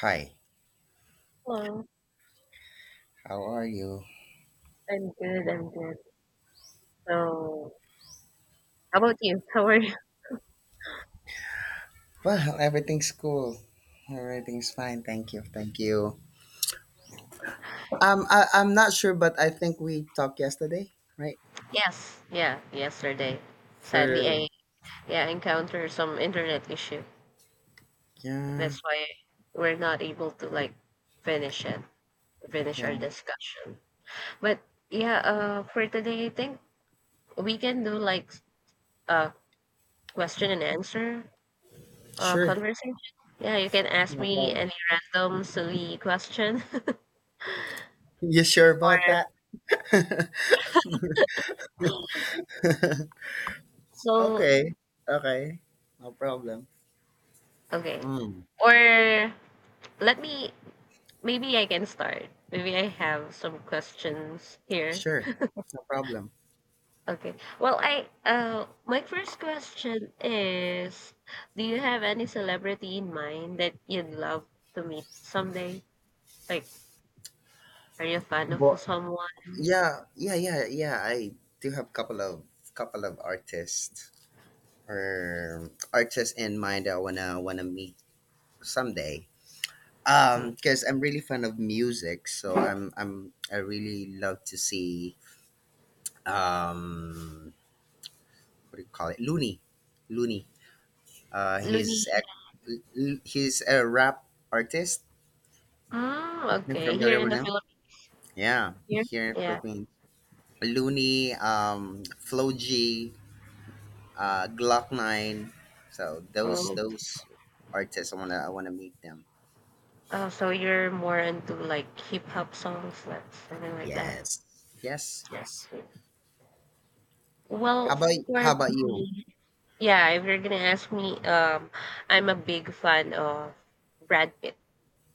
Hi, Hello. how are you? I'm good, I'm good. So, how about you? How are you? Well, everything's cool. Everything's fine. Thank you. Thank you. I'm not sure, but I think we talked yesterday, right? Yes, yeah, yesterday. For Sadly, I yeah encountered some internet issue. yeah, That's why we're not able to finish it, finish yeah. our discussion. But yeah, for today, I think we can do like a question and answer Sure, conversation. Yeah, you can ask no me problem. any random silly question You sure about or that? so Okay, okay, no problem. okay. Mm, Or let me Maybe I can start. Maybe I have some questions here. sure, no problem. Okay. Well, I my first question is, do you have any celebrity in mind that you'd love to meet someday? Like, are you a fan of But someone? yeah, yeah, yeah, yeah. I do have couple of artists in mind that I wanna meet someday. Mm. Because I'm really fan of music, so I really love to see um what do you call it? Looney, Looney. Uh, Looney. he's a, he's a rap artist. Mm, You okay. Here familiar in with the him? Philippines Yeah, here? here in Yeah. Philippines. Looney, Flo G, Glock Nine. So those Oh, those artists, I wanna meet them. oh, so you're more into like hip hop songs, like something like that. Yes, yes, yes. Well, How about for how about you? me, Yeah, if you're gonna ask me, I'm a big fan of Brad Pitt.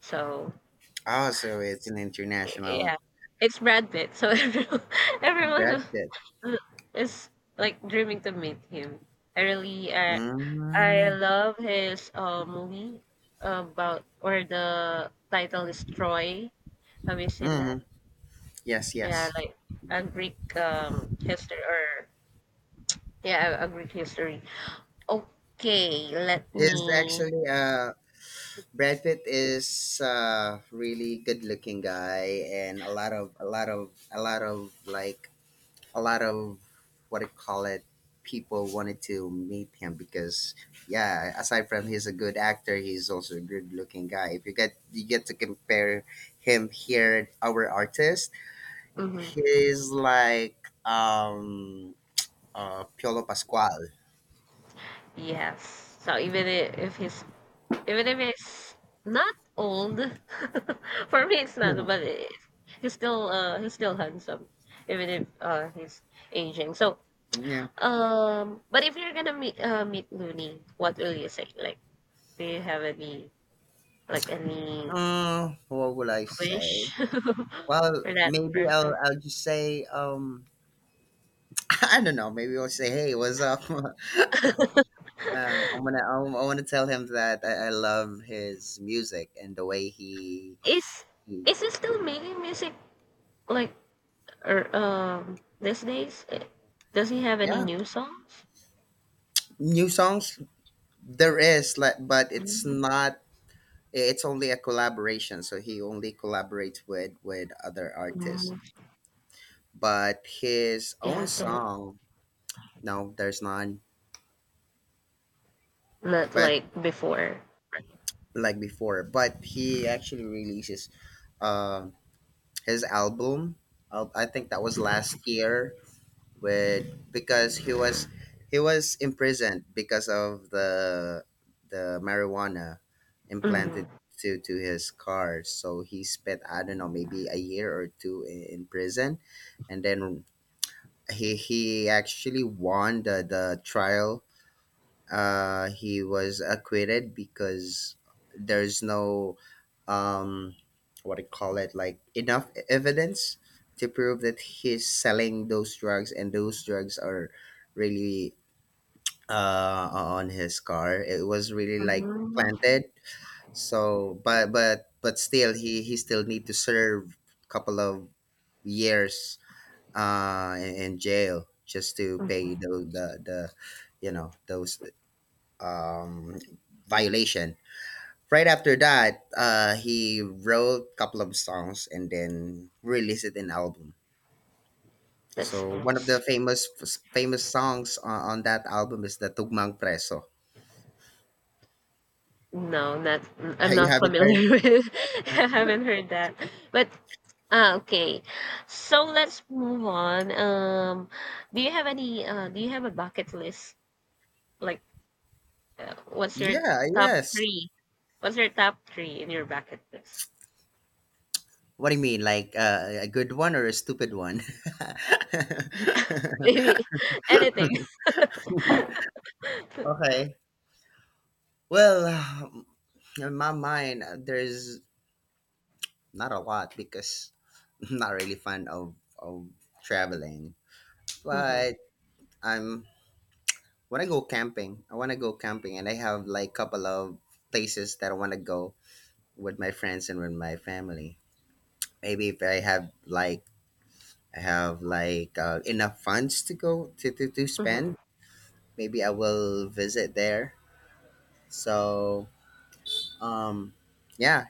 So Also, it's an yeah, international it's Brad Pitt. So everyone, everyone Brad. is is, like dreaming to meet him. I really, uh, I Mm-hmm. love his movie about where the title is Troy. Have you seen that? Mm-hmm. Yes, Yeah, yes. like a Greek history or yeah, a Greek history. Okay, let He's me. actually Brad Pitt is a really good looking guy and a lot of a lot of a lot of like a lot of what do you call it people wanted to meet him because yeah, aside from he's a good actor, he's also a good looking guy. If you get to compare him here our artist. Mhm. He's like um Piolo Pasquale. Yes. So even if he's not old, for me it's not, Mhm. He's still handsome, even if he's aging. So Yeah. But if you're gonna meet Looney, what will you say? Like, do you have any What would I say? wish Well, for that maybe person? I'll just say I don't know. Maybe I'll say, "Hey, what's up?" I want to tell him that I love his music and the way he, Is he is he still making music like or these days? Does he have any yeah. new songs? New songs, there is like, but it's not, it's only a collaboration, so he only collaborates with other artists, Mm, but his yeah, own so song, no, there's none, not but like before. like before. But he actually releases um his album, I think that was last year, with, because he was imprisoned because of the marijuana implanted Mhm. To his car, so he spent I don't know maybe a year or two in prison, and then he actually won the trial. He was acquitted because there's no um, what do you call it like enough evidence to prove that he's selling those drugs and those drugs are really on his car. It was really like Mhm. planted. So, but still, he still need to serve a couple of years in jail just to Mhm. pay the you know those um, violation. Right after that, he wrote a couple of songs and then released it in album. That's So one of the nice. Famous songs on that album is the Tugmang Preso. No, not I'm you not haven't heard? familiar with. I haven't heard that. But ah, okay. So let's move on. Do you have any? Do you have a bucket list? Like, what's your Yeah, top yes. three? What's your top three in your bucket list? What do you mean? Like a good one or a stupid one? Maybe anything. Okay. Well, um, in my mind, there's not a lot because I'm not really fan of traveling. Mm-hmm. But I'm when I go camping, I want to go camping, and I have like couple of places that I want to go with my friends and with my family. Maybe if I have like enough funds to go to Mm-hmm. spend, maybe I will visit there. So um, yeah.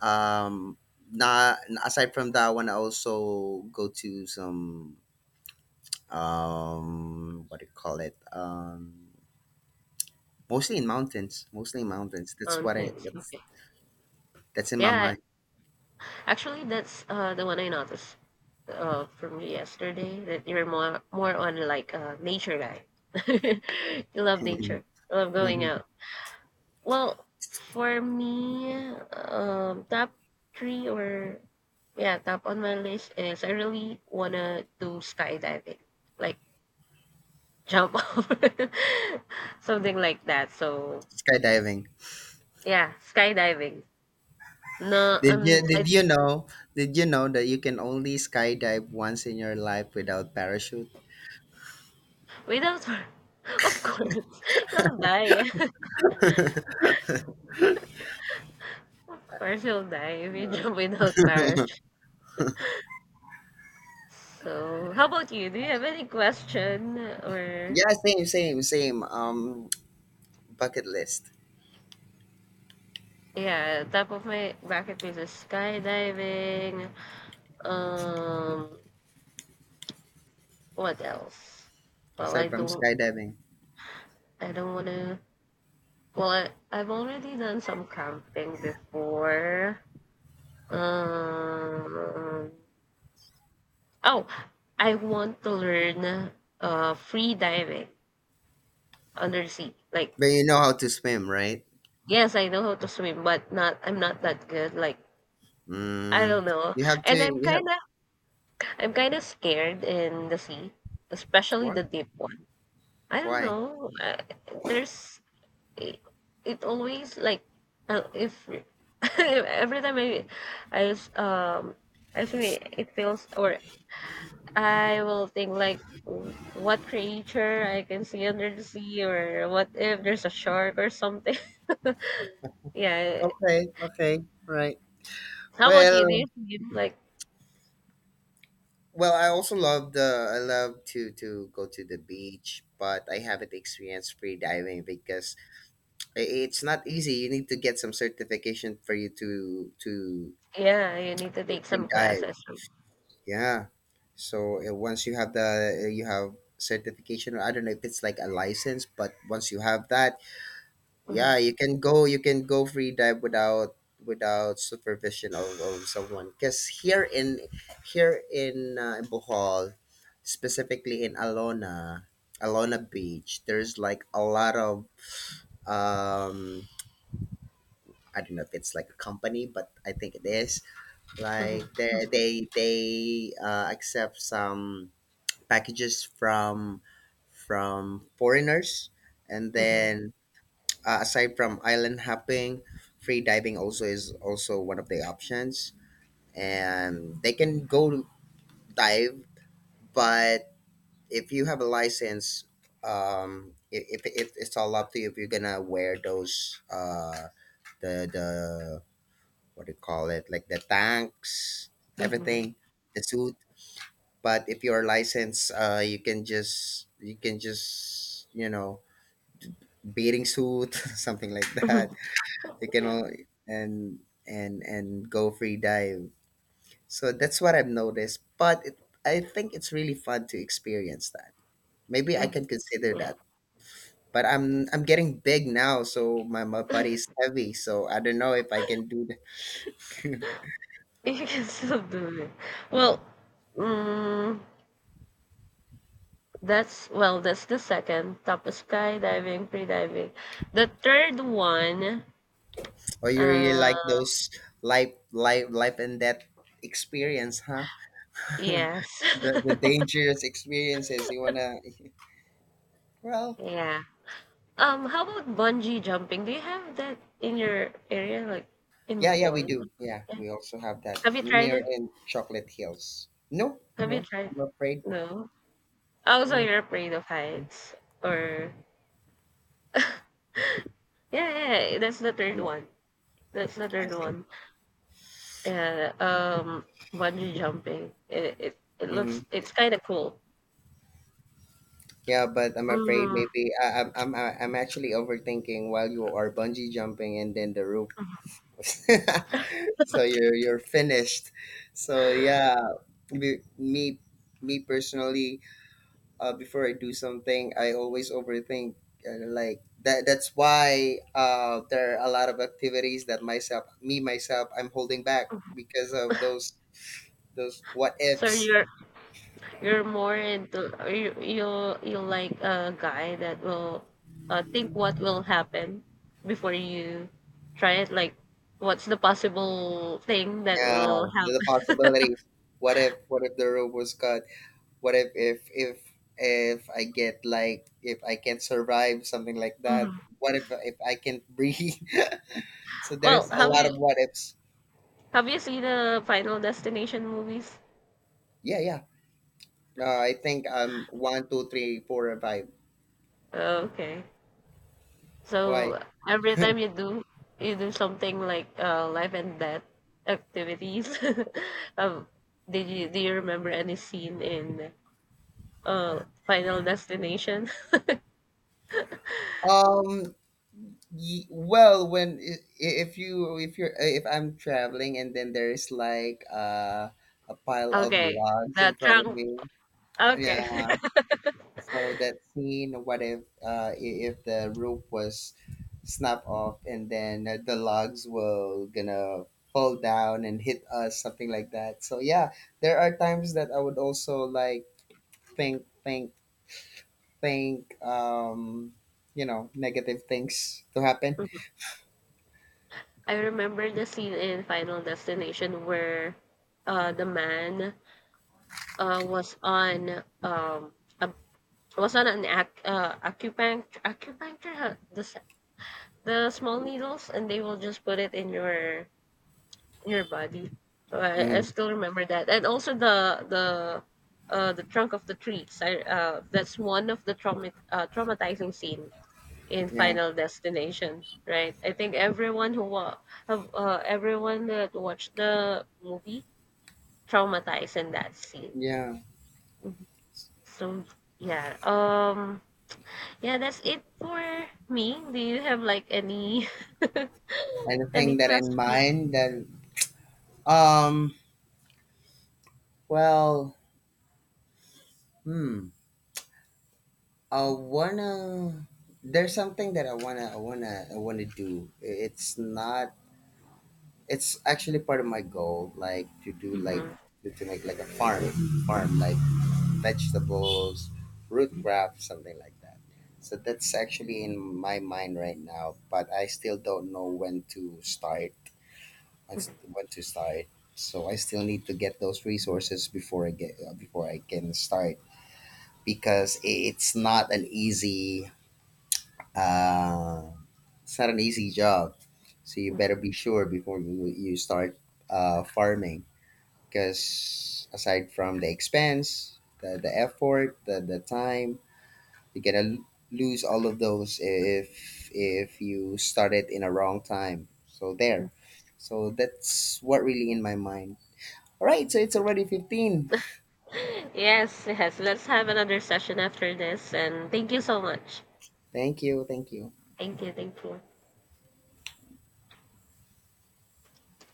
Um, not Aside from that, I want to also go to some what do you call it mostly in mountains, mostly in mountains. That's what I Mountains. what's Okay. That's in my Yeah, mind. actually, that's the one I noticed from yesterday, that you're more on like a nature guy. You love nature. You love going Hmm. out. Well, for me, top three, or yeah, top on my list is, I really wanna do skydiving, like jump off, something like that. So Skydiving. yeah, skydiving. No, Did you um, I, did you know did you know that you can only skydive once in your life without parachute? Without, of course, you'll die. Of course, you'll die if you jump without parachute. So, how about you? Do you have any question or Yeah, same, same, same. Bucket list. yeah, top of my bucket list is skydiving. Um, what else? Well, Aside from skydiving, I don't wanna. Well, I've already done some camping before. Um, oh, I want to learn free diving under the sea. Like, but you know how to swim, right? yes, I know how to swim, but not. I'm not that good. Like, I Mm, don't know. you have to. And You have I'm kind of scared in the sea, especially why? the deep one. I don't Why? know. There's it, it always like if every time I I swim, it feels, or I will think like what creature I can see under the sea, or what if there's a shark or something. Yeah. Okay. Okay. Right. How about you? Do Well. you swim? Like Well, I also love the. I love to go to the beach, but I haven't experienced free diving because it's not easy. You need to get some certification for you to yeah, you need to take some free dive. classes. Yeah. So once you have the you have certification, or I don't know if it's like a license, but once you have that, Mm-hmm. yeah, you can go. You can go free dive without supervision of someone. Because here in Bohol, specifically in Alona, Alona Beach, there's like a lot of um I don't know if it's like a company, but I think it is. Like Mm-hmm. they accept some packages from foreigners, and Mm-hmm. then aside from island hopping, free diving also is also one of the options, and they can go dive, but if you have a license, if it's all up to you if you're gonna wear those the what do you call it like the tanks, Mm-hmm. everything, the suit. But if you're licensed, you can just you know, bathing suit something like that, you can all, and and go free dive. So that's what I've noticed, but I think it's really fun to experience that, maybe I Mm, can consider yeah, that, but I'm getting big now, so my body's heavy, so I don't know if I can do that. you can still do it. Well, mm, well, that's the second. Tapos skydiving, freediving. The third one, Or you really uh, like those life and death experience, huh? The yes, dangerous experiences. You wanna? Well, yeah. How about bungee jumping? Do you have that in your area, like in yeah, yeah, we Bohol? do. Yeah, Yeah. we also have that Have you tried it? near in Chocolate Hills. No, Have you no, tried? I'm afraid. No. Also, No, you're afraid of heights, or yeah, yeah, yeah, that's the third I'm not, one. That's the I third think. one. Yeah, bungee jumping. It Hmm. looks, it's kind of cool. Yeah, but I'm afraid Mm. maybe I, I'm actually overthinking while you are bungee jumping and then the roof. So you're finished. So yeah, be- me me personally, before I do something I always overthink, like that, that's why there are a lot of activities that myself me myself I'm holding back because of those what So ifs. You're more into are you you you like a guy that will think what will happen before you try it. Like, what's the possible thing that Yeah, will the happen? possibilities. What if the rope was cut, what if if I get like if I can't survive something like that, what if I can't breathe. So Well, there's a lot of what ifs. have you seen the Final Destination movies? Yeah, yeah. I think one, two, three, four, and five. Oh, okay. Why? So every time you do something like life and death activities, um, did you, do you remember any scene in Final Destination? Um. Well, when if you're if I'm traveling and then there's like a pile of Okay, logs in the front of trunk. me. Okay, Yeah. So that scene, what if if the roof was snapped off and then the logs will gonna fall down and hit us, something like that. So yeah, there are times that I would also like think, think, think, you know, negative things to happen. mhm. I remember the scene in Final Destination where the man was on a, was on an ac acupuncture acupuncture, huh? The small needles, and they will just put it in your body. So I Hmm. still remember that, and also the trunk of the trees. I That's one of the traumatizing scene in Yeah, Final Destination, right? I think everyone who wa- have everyone that watched the movie traumatized in that scene. yeah. Mhm. So yeah, yeah, that's it for me. Do you have any Anything any that in question? mind that um, well, hmm. I wanna. There's something that I wanna do. It's not. It's actually part of my goal, like to do like Hmm. To make like a farm, farm like vegetables, root crop, something like that. So that's actually in my mind right now, but I still don't know when to start. When to start. So I still need to get those resources before I get before I can start because it's not an easy. Uh, It's not an easy job, so you better be sure before you start farming. Because aside from the expense, the effort, the time, you're gonna lose all of those if you start it in a wrong time. So there, so that's what really in my mind. All right, so it's already 15. Yes, yes. Let's have another session after this. And thank you so much. Thank you, thank you. Thank you, thank you.